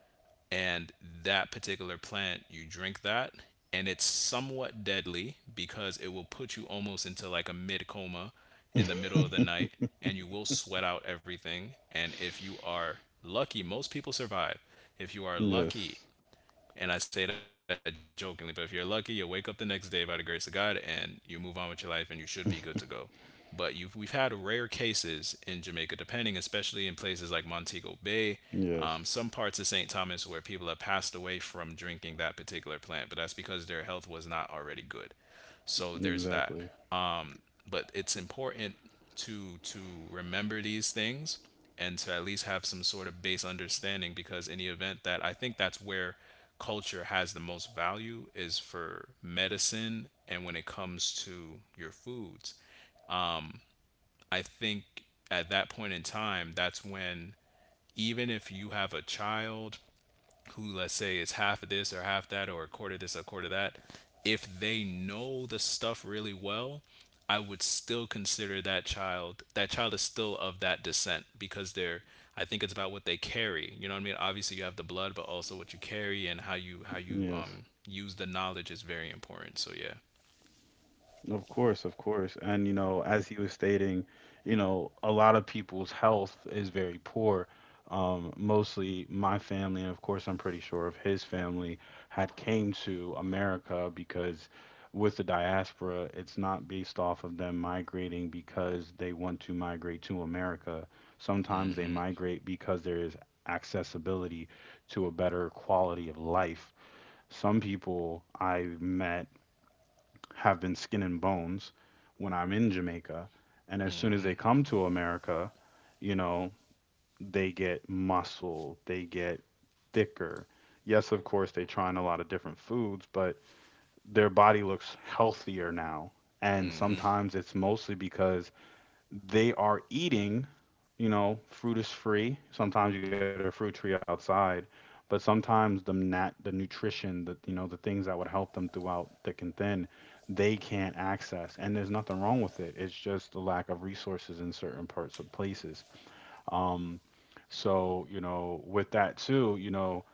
B: And that particular plant, you drink that, and it's somewhat deadly because it will put you almost into like a mid coma in the middle of the night, and you will sweat out everything. And if you are lucky, most people survive. If you are
A: Yes.
B: lucky and I say that jokingly, but if you're lucky, you'll wake up the next day by the grace of God and you move on with your life and you should be good to go. But you've, we've had rare cases in Jamaica, depending, especially in places like Montego Bay, um,
A: Yes.
B: some parts of Saint Thomas where people have passed away from drinking that particular plant, but that's because their health was not already good. So there's that
A: Exactly.
B: but it's important to to remember these things and to at least have some sort of base understanding because in the event that I think that's where culture has the most value is for medicine and when it comes to your foods. I think at that point in time that's when even if you have a child who let's say is half of this or half that or a quarter of this or a quarter of that if they know the stuff really well I would still consider that child that child is still of that descent because they're I think it's about what they carry, you know what I mean? Obviously you have the blood but also what you carry and how you how you
A: Yes.
B: um use the knowledge is very important, so yeah.
A: Of course, of course. And, you know, as he was stating, you know, a lot of people's health is very poor. Um, mostly my family, and of course, I'm pretty sure of his family, had came to America because with the diaspora, it's not based off of them migrating because they want to migrate to America. Sometimes they migrate because there is accessibility to a better quality of life. Some people I've met have been skin and bones when I'm in Jamaica. And as soon as they come to America, you know, they get muscle, they get thicker. Yes, of course, they try on a lot of different foods, but their body looks healthier now. And sometimes it's mostly because they are eating, you know, fruit is free. Sometimes you get a fruit tree outside, but sometimes the nat the nutrition, the you know, the things that would help them throughout thick and thin, they can't access. And there's nothing wrong with it. It's just the lack of resources in certain parts of places. Um, so, you know, with that too, you know,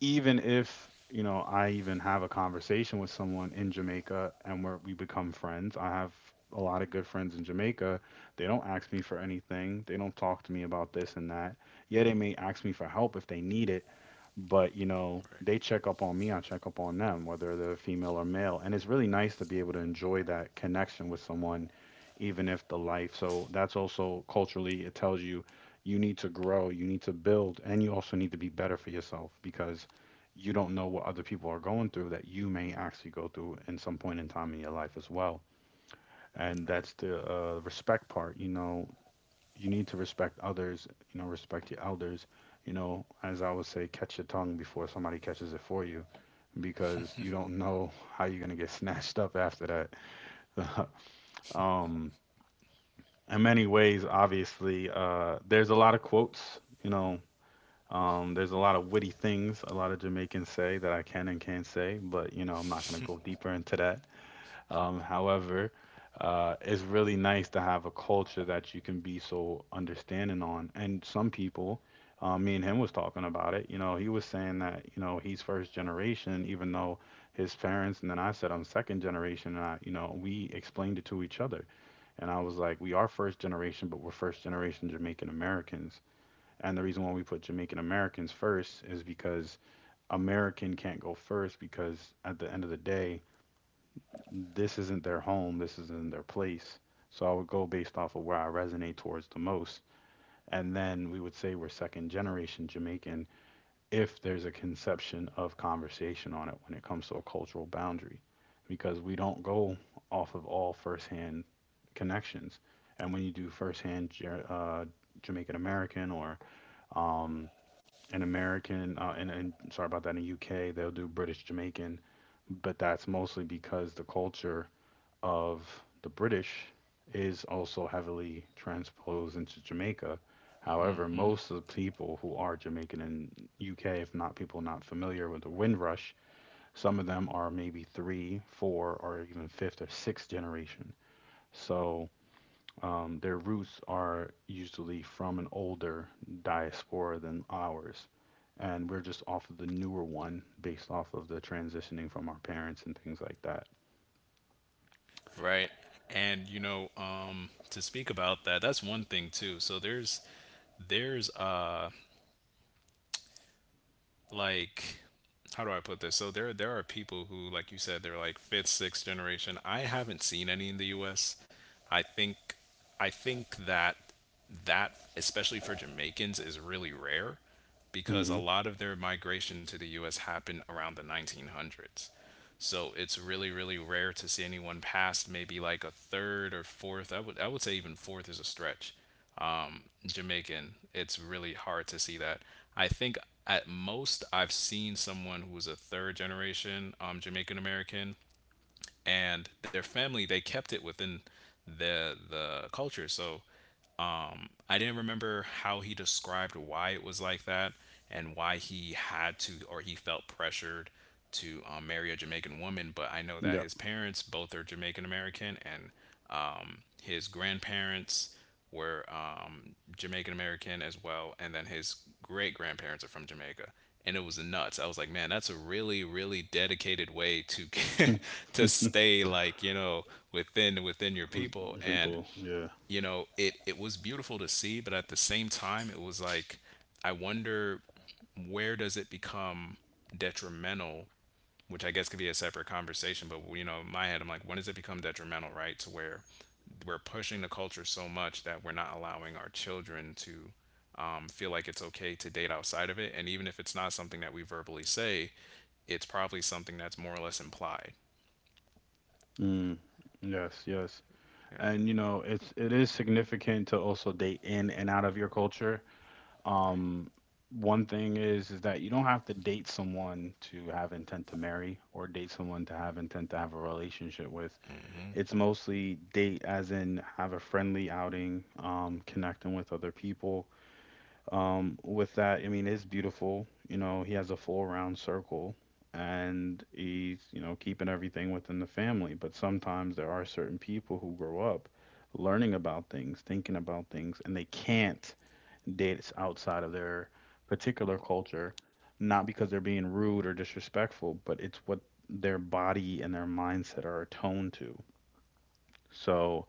A: even if you know I even have a conversation with someone in Jamaica and where we become friends, I have a lot of good friends in Jamaica. They don't ask me for anything. They don't talk to me about this and that. Yeah, they may ask me for help if they need it, but you know,
B: Right.
A: they check up on me, I check up on them, whether they're female or male. And it's really nice to be able to enjoy that connection with someone even if the life. So that's also culturally it tells you you need to grow, you need to build, and you also need to be better for yourself because you don't know what other people are going through that you may actually go through in some point in time in your life as well. And that's the uh, respect part. You know, you need to respect others, you know, respect your elders. You know, as I would say, catch your tongue before somebody catches it for you because you don't know how you're going to get snatched up after that. um, in many ways, obviously, uh, there's a lot of quotes. You know, Um, there's a lot of witty things a lot of Jamaicans say that I can and can't say, but you know, I'm not going to go deeper into that. Um, however, uh, it's really nice to have a culture that you can be so understanding on. And some people, uh, me and him was talking about it. You know, he was saying that you know he's first generation, even though his parents, and then I said I'm second generation. And I, you know, we explained it to each other, and I was like, we are first generation, but we're first generation Jamaican Americans. And the reason why we put Jamaican Americans first is because American can't go first because at the end of the day, this isn't their home, this isn't their place. So I would go based off of where I resonate towards the most. And then we would say we're second generation Jamaican if there's a conception of conversation on it when it comes to a cultural boundary, because we don't go off of all firsthand connections. And when you do firsthand uh, Jamaican American or um, in American uh, and, and sorry about that, in the U K they'll do British Jamaican, but that's mostly because the culture of the British is also heavily transposed into Jamaica. However, most of the people who are Jamaican in U K, if not people not familiar with the Windrush, some of them are maybe three, four, or even fifth or sixth generation. So um, their roots are usually from an older diaspora than ours, and we're just off of the newer one based off of the transitioning from our parents and things like that.
B: Right. Right, and you know, um to speak about that, that's one thing too. So there's there's uh like how do I put this? So there there are people who, like you said, they're like fifth, sixth generation. I haven't seen any in the U S. I think I think that that especially for Jamaicans is really rare because a
A: Hmm.
B: lot of their migration to the U S happened around the nineteen hundreds. So it's really really rare to see anyone past maybe like a third or fourth. I would I would say even fourth is a stretch. Jamaican, it's really hard to see that. I think at most I've seen someone who was a third generation um, Jamaican American, and their family they kept it within the the culture. So I didn't remember how he described why it was like that and why he had to, or he felt pressured to um, marry a Jamaican woman, but I know that
A: Yep.
B: his parents both are Jamaican American, and um, his grandparents were um, Jamaican American as well, and then his great grandparents are from Jamaica. And it was nuts. I was like, man, that's a really, really dedicated way to to stay, like, you know, within within your people. And
A: People, yeah.
B: you know, it it was beautiful to see, but at the same time, it was like I wonder where does it become detrimental, which I guess could be a separate conversation, but you know, in my head, I'm like, when does it become detrimental, right? To where we're pushing the culture so much that we're not allowing our children to um, feel like it's okay to date outside of it. And even if it's not something that we verbally say, it's probably something that's more or less implied.
A: Mm. Yes, yes.
B: Yeah.
A: And you know, it's it is significant to also date in and out of your culture. Um, One thing is is that you don't have to date someone to have intent to marry or date someone to have intent to have a relationship with. It's mostly date, as in have a friendly outing, um, connecting with other people. Um, with that, I mean, it's beautiful. You know, he has a full round circle and he's, you know, keeping everything within the family. But sometimes there are certain people who grow up learning about things, thinking about things, and they can't date outside of their particular culture, not because they're being rude or disrespectful, but it's what their body and their mindset are attuned to. So,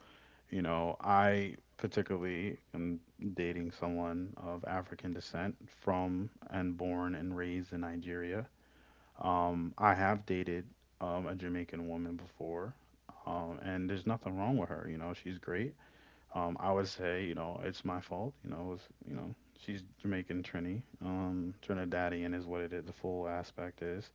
A: you know, I particularly am dating someone of African descent from and born and raised in Nigeria. Um, I have dated um, a Jamaican woman before, um, and there's nothing wrong with her. You know, she's great. Um, I would say, you know, it's my fault. You know, it was, you know, she's Jamaican Trini. Um, Trinidadian is what it is. The full aspect is.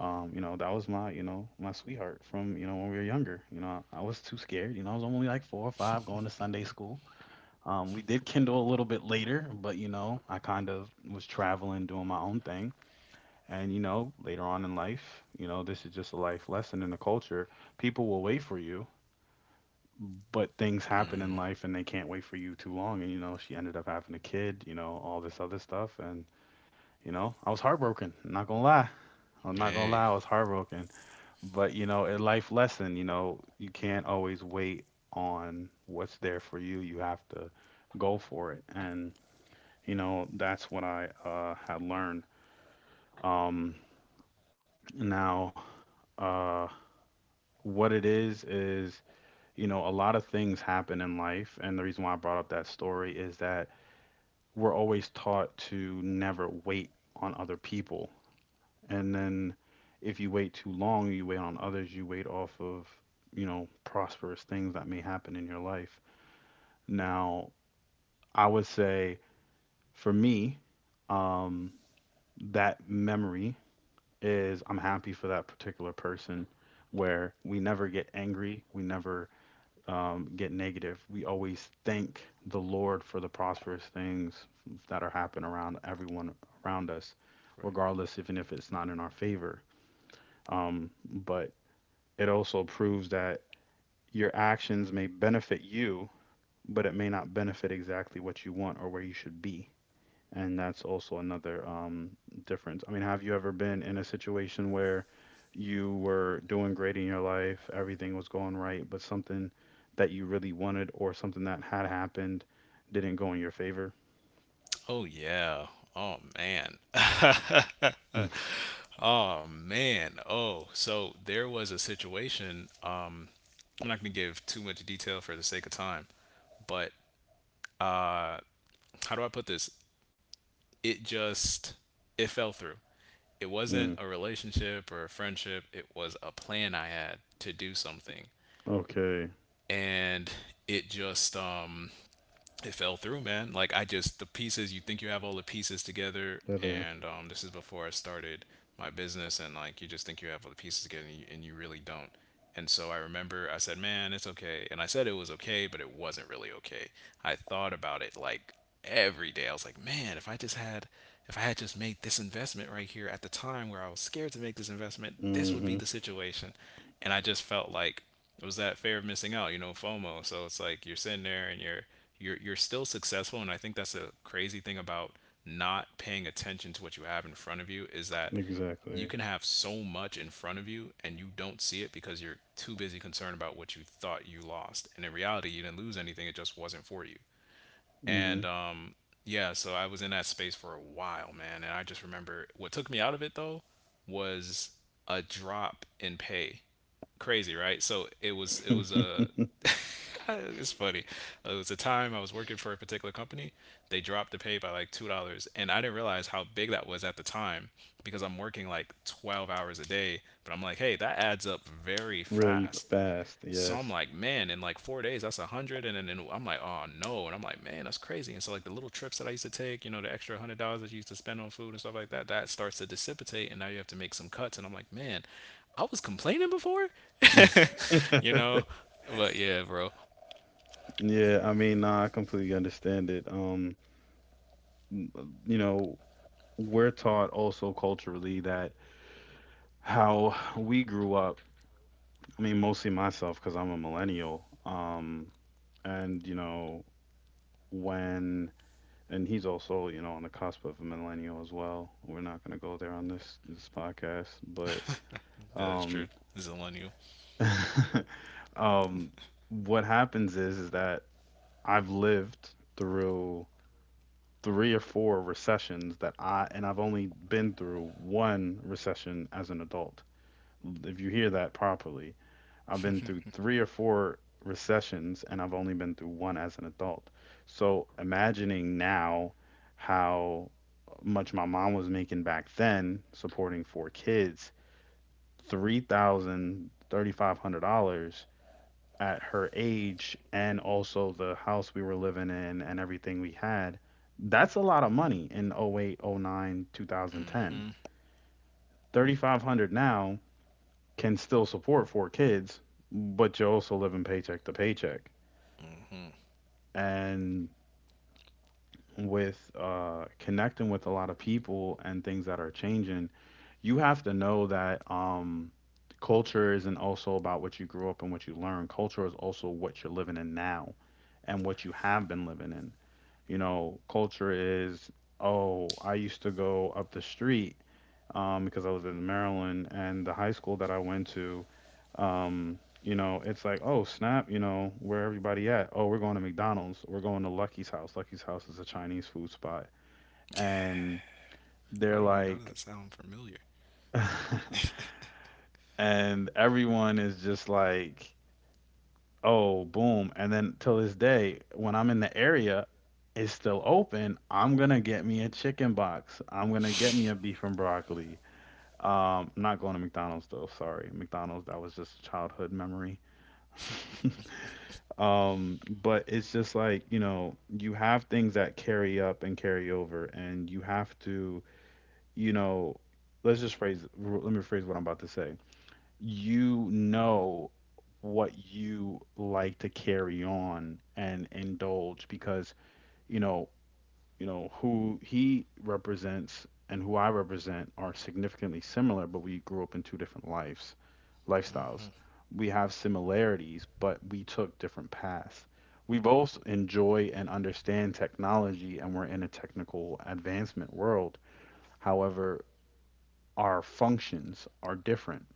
A: Um, you know, that was my, you know, my sweetheart from, you know, when we were younger. You know, I was too scared. You know, I was only like four or five going to Sunday school. Um, we did kindle a little bit later, but you know, I kind of was traveling, doing my own thing. And you know, later on in life, you know, this is just a life lesson in the culture. People will wait for you, but things happen in life and they can't wait for you too long. And you know, she ended up having a kid, you know, all this other stuff. And you know, I was heartbroken. I'm Not gonna lie, I'm not gonna
B: Hey.
A: lie, I was heartbroken. But you know, a life lesson, you know, you can't always wait on what's there for you. You have to go for it. And you know, that's what I uh had learned. Um now uh what it is is, you know, a lot of things happen in life, and the reason why I brought up that story is that we're always taught to never wait on other people. And then if you wait too long, you wait on others, you wait off of, you know, prosperous things that may happen in your life. Now, I would say, for me, um, that memory is, I'm happy for that particular person. Where we never get angry, we never um, get negative. We always thank the Lord for the prosperous things that are happening around everyone around us,
B: Right.
A: regardless, even if it's not in our favor. Um, but it also proves that your actions may benefit you, but it may not benefit exactly what you want or where you should be. And that's also another um, difference. I mean, have you ever been in a situation where you were doing great in your life, everything was going right, but something that you really wanted or something that had happened didn't go in your favor?
B: Oh, yeah. Oh, man. Man, oh, so there was a situation. Uh, I'm not going to give too much detail for the sake of time, but uh, how do I put this? It just it fell through. It
A: Mm,
B: wasn't
A: mm,
B: a relationship or a friendship. It was a plan I had to do something,
A: okay,
B: and it just um it fell through, man. Like I just the pieces you think you have all the pieces together,
A: leather.
B: and um, this is before I started my business, and like you just think you have all the pieces together, and you, and you really don't. And so I remember I said, man, it's okay, and I said it was okay, but it wasn't really okay. I thought about it like every day. I was like, man, if I just had if I had just made this investment right here at the time where I was scared to make this investment, this would be
A: Mm-hmm.
B: the situation. And I just felt like it was that fear of missing out, you know, FOMO. So it's like you're sitting there and you're you're you're still successful, and I think that's a crazy thing about not paying attention to what you have in front of you, is that you
A: Exactly.
B: can have so much in front of you and you don't see it because you're too busy concerned about what you thought you lost. And in reality, you didn't lose anything, it just wasn't for you.
A: Mm-hmm.
B: And um yeah, so I was in that space for a while, man, and I just remember what took me out of it though was a drop in pay. Crazy, right? So it was it was a it's funny. Uh, It was a time I was working for a particular company. They dropped the pay by like two dollars, and I didn't realize how big that was at the time because I'm working like twelve hours a day. But I'm like, hey, that adds up very
A: Really
B: fast.
A: fast,
B: So I'm
A: yes.
B: like, man, in like four days, that's a hundred, and then and I'm like, oh no, and I'm like, man, that's crazy. And so like the little trips that I used to take, you know, the extra hundred dollars that you used to spend on food and stuff like that, that starts to dissipate, and now you have to make some cuts. And I'm like, man, I was complaining before, you know, but yeah, bro.
A: Yeah, I mean, nah, I completely understand it. Um, n- uh, you know, we're taught also culturally that how we grew up, I mean, mostly myself, because I'm a millennial. Um, and, you know, when, and he's also, you know, on the cusp of a millennial as well. We're not going to go there on this this podcast, but
B: That is true.
A: um,
B: Zillennial.
A: um, what happens is, is that I've lived through three or four recessions that I and I've only been through one recession as an adult. If you hear that properly, I've been through three or four recessions and I've only been through one as an adult. So imagining now how much my mom was making back then supporting four kids, three thousand, thirty five hundred dollars at her age, and also the house we were living in and everything we had, that's a lot of money in oh 08, oh 09, two thousand ten. thirty-five hundred now can still support four kids, but you're also living paycheck to paycheck. And with uh, connecting with a lot of people and things that are changing, you have to know that um, culture isn't also about what you grew up and what you learn. Culture is also what you're living in now and what you
B: Why
A: have been living in. you know, culture is, oh, I used to go up the street um, because I was in Maryland, and the high school that I went to, um, you know, it's like, oh, snap, you know, where everybody at? Oh, we're going to McDonald's. We're going to Lucky's house. Lucky's house is a Chinese food spot. And they're
B: do I? Why does
A: like,
B: that sound familiar?
A: and everyone is just like, oh, boom. And then till this day, when I'm in the area, it's still open. I'm gonna get me a chicken box. I'm gonna get me a beef and broccoli. Um, I'm not going to McDonald's though, sorry. McDonald's, that was just a childhood memory. Um, but it's just like, you know, you have things that carry up and carry over, and you have to, you know, let's just phrase, let me rephrase what I'm about to say you know what you like to carry on and indulge, because you know you know who he represents and who I represent are significantly similar, but we grew up in two different lives, lifestyles. We have similarities, but we took different paths. We both enjoy and understand technology, and we're in a technical advancement world. However, our functions are different,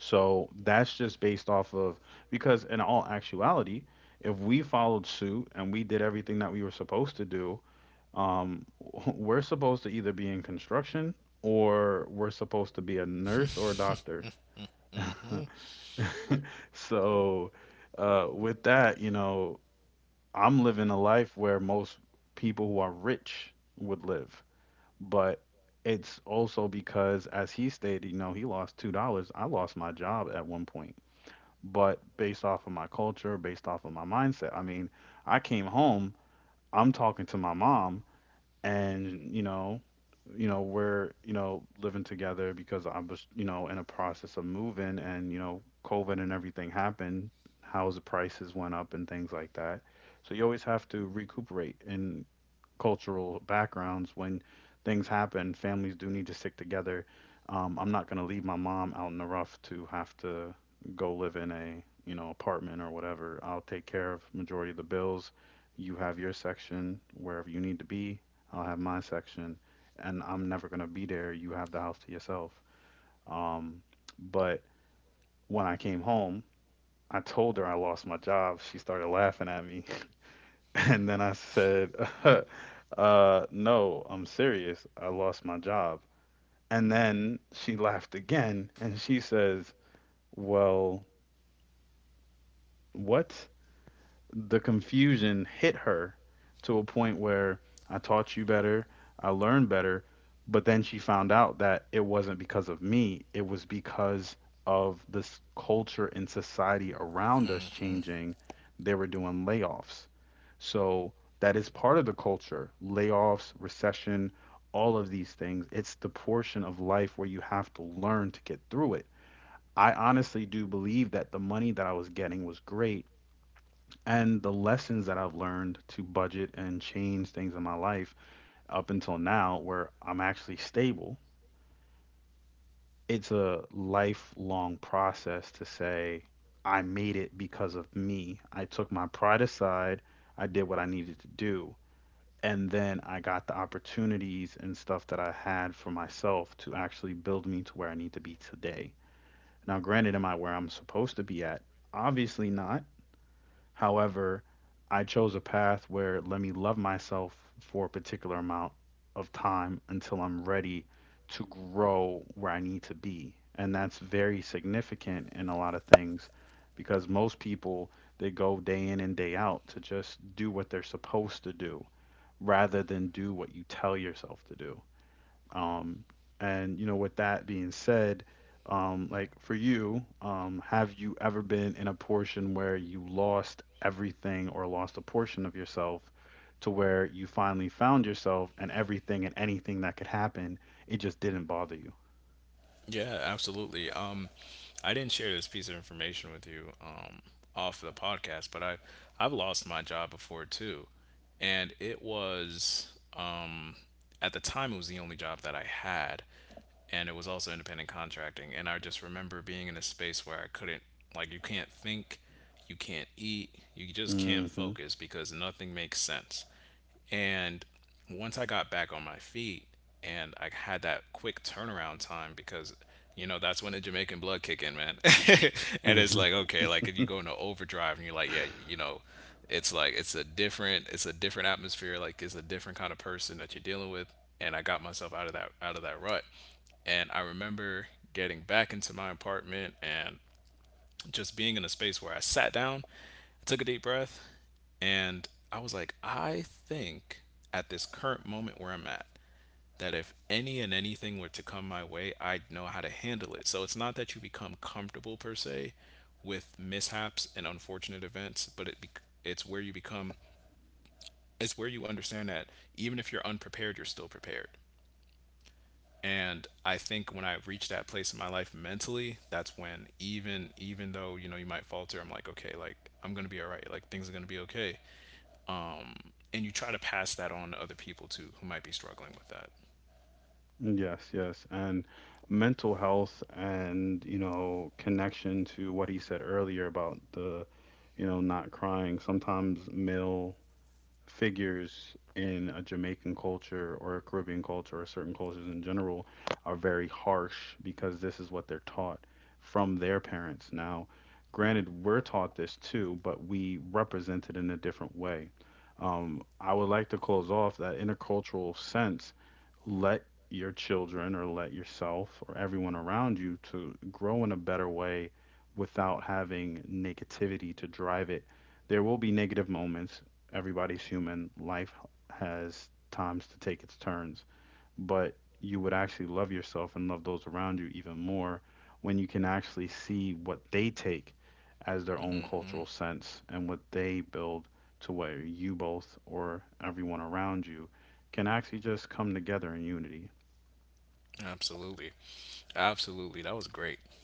A: so that's just based off of, because in all actuality, if we followed suit and we did everything that we were supposed to do, um, we're supposed to either be in construction or we're supposed to be a nurse or a doctor. So uh, with that, you know, I'm living a life where most people who are rich would live, but it's also because, as he stated, you know, he lost two dollars. I lost my job at one point, but based off of my culture, based off of my mindset. I mean, I came home, I'm talking to my mom, and you know, you know, we're you know living together because I was you know in a process of moving, and you know, COVID and everything happened. House prices went up and things like that. So you always have to recuperate and cultural backgrounds, when things happen, families do need to stick together. Um, I'm not going to leave my mom out in the rough to have to go live in a, you know, apartment or whatever. I'll take care of majority of the bills. You have your section wherever you need to be. I'll have my section, and I'm never going to be there. You have the house to yourself. Um, but when I came home, I told her I lost my job. She started laughing at me. And then I said, uh, no, I'm serious. I lost my job. And then she laughed again and she says, well, what? The confusion hit her to a point where I taught you better, I learned better, but then she found out that it wasn't because of me, it was because of this culture and society around us changing. They were doing layoffs. So that is part of the culture: layoffs, recession, all of these things. It's the portion of life where you have to learn to get through it. I honestly do believe that the money that I was getting was great, and the lessons that I've learned to budget and change things in my life up until now, where I'm actually stable, it's a lifelong process to say, I made it because of me. I took my pride aside, I did what I needed to do. And then I got the opportunities and stuff that I had for myself to actually build me to where I need to be today. Now, granted, am I where I'm supposed to be at? Obviously not. However, I chose a path where, let me love myself for a particular amount of time until I'm ready to grow where I need to be. And that's very significant in a lot of things because most people, they go day in and day out to just do what they're supposed to do rather than do what you tell yourself to do. Um, and you know, with that being said, um, like for you, um, have you ever been in a portion where you lost everything or lost a portion of yourself to where you finally found yourself and everything and anything that could happen, it just didn't bother you?
B: Yeah, absolutely. Um, I didn't share this piece of information with you, um, off the podcast, but I I've lost my job before too, and it was at the time it was the only job that I had, and it was also independent contracting. And I just remember being in a space where I couldn't, like, you can't think, you can't eat, you just can't
A: Hmm.
B: focus because nothing makes sense. And once I got back on my feet, and I had that quick turnaround time because you know that's when the Jamaican blood kick in, man. And it's
A: Hmm.
B: like, okay, like if you go into overdrive and you're like, yeah, you know, it's like it's a different, it's a different atmosphere. Like it's a different kind of person that you're dealing with. And I got myself out of that out of that rut. And I remember getting back into my apartment and just being in a space where I sat down, I took a deep breath, and I was like, I think at this current moment where I'm at, that if any and anything were to come my way, I'd know how to handle it. So it's not that you become comfortable per se with mishaps and unfortunate events, but it bec it's where you become it's where you understand that even if you're unprepared, you're still prepared. And I think when I reached that place in my life mentally, that's when even even though, you know, you might falter, I'm like, okay, like I'm gonna be all right. Like things are gonna be okay. And you try to pass that on to other people too who might be struggling with that.
A: Yes, yes. And mental health and, you know, connection to what he said earlier about the, you know, not crying. Sometimes male figures in a Jamaican culture or a Caribbean culture or certain cultures in general are very harsh because this is what they're taught from their parents. Now, granted, we're taught this too, but we represent it in a different way. Um, I would like to close off that intercultural sense, let your children or let yourself or everyone around you to grow in a better way without having negativity to drive it. There will be negative moments, everybody's human. Life has times to take its turns, but you would actually love yourself and love those around you even more when you can actually see what they take as their own cultural sense and what they build to where you both or everyone around you can actually just come together in unity.
B: Absolutely. Absolutely. That was great.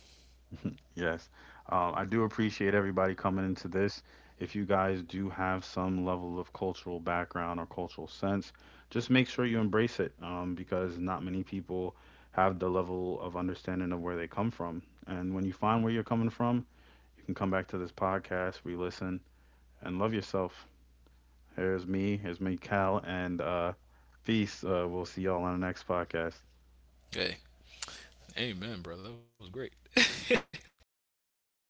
A: Yes. Um, I do appreciate everybody coming into this. If you guys do have some level of cultural background or cultural sense, just make sure you embrace it, um, because not many people have the level of understanding of where they come from. And when you find where you're coming from, you can come back to this podcast, re listen, and love yourself. Here's me, here's me, Cal, and uh, peace. Uh, we'll see y'all on the next podcast.
B: Hey, amen, bro. That was great. All right.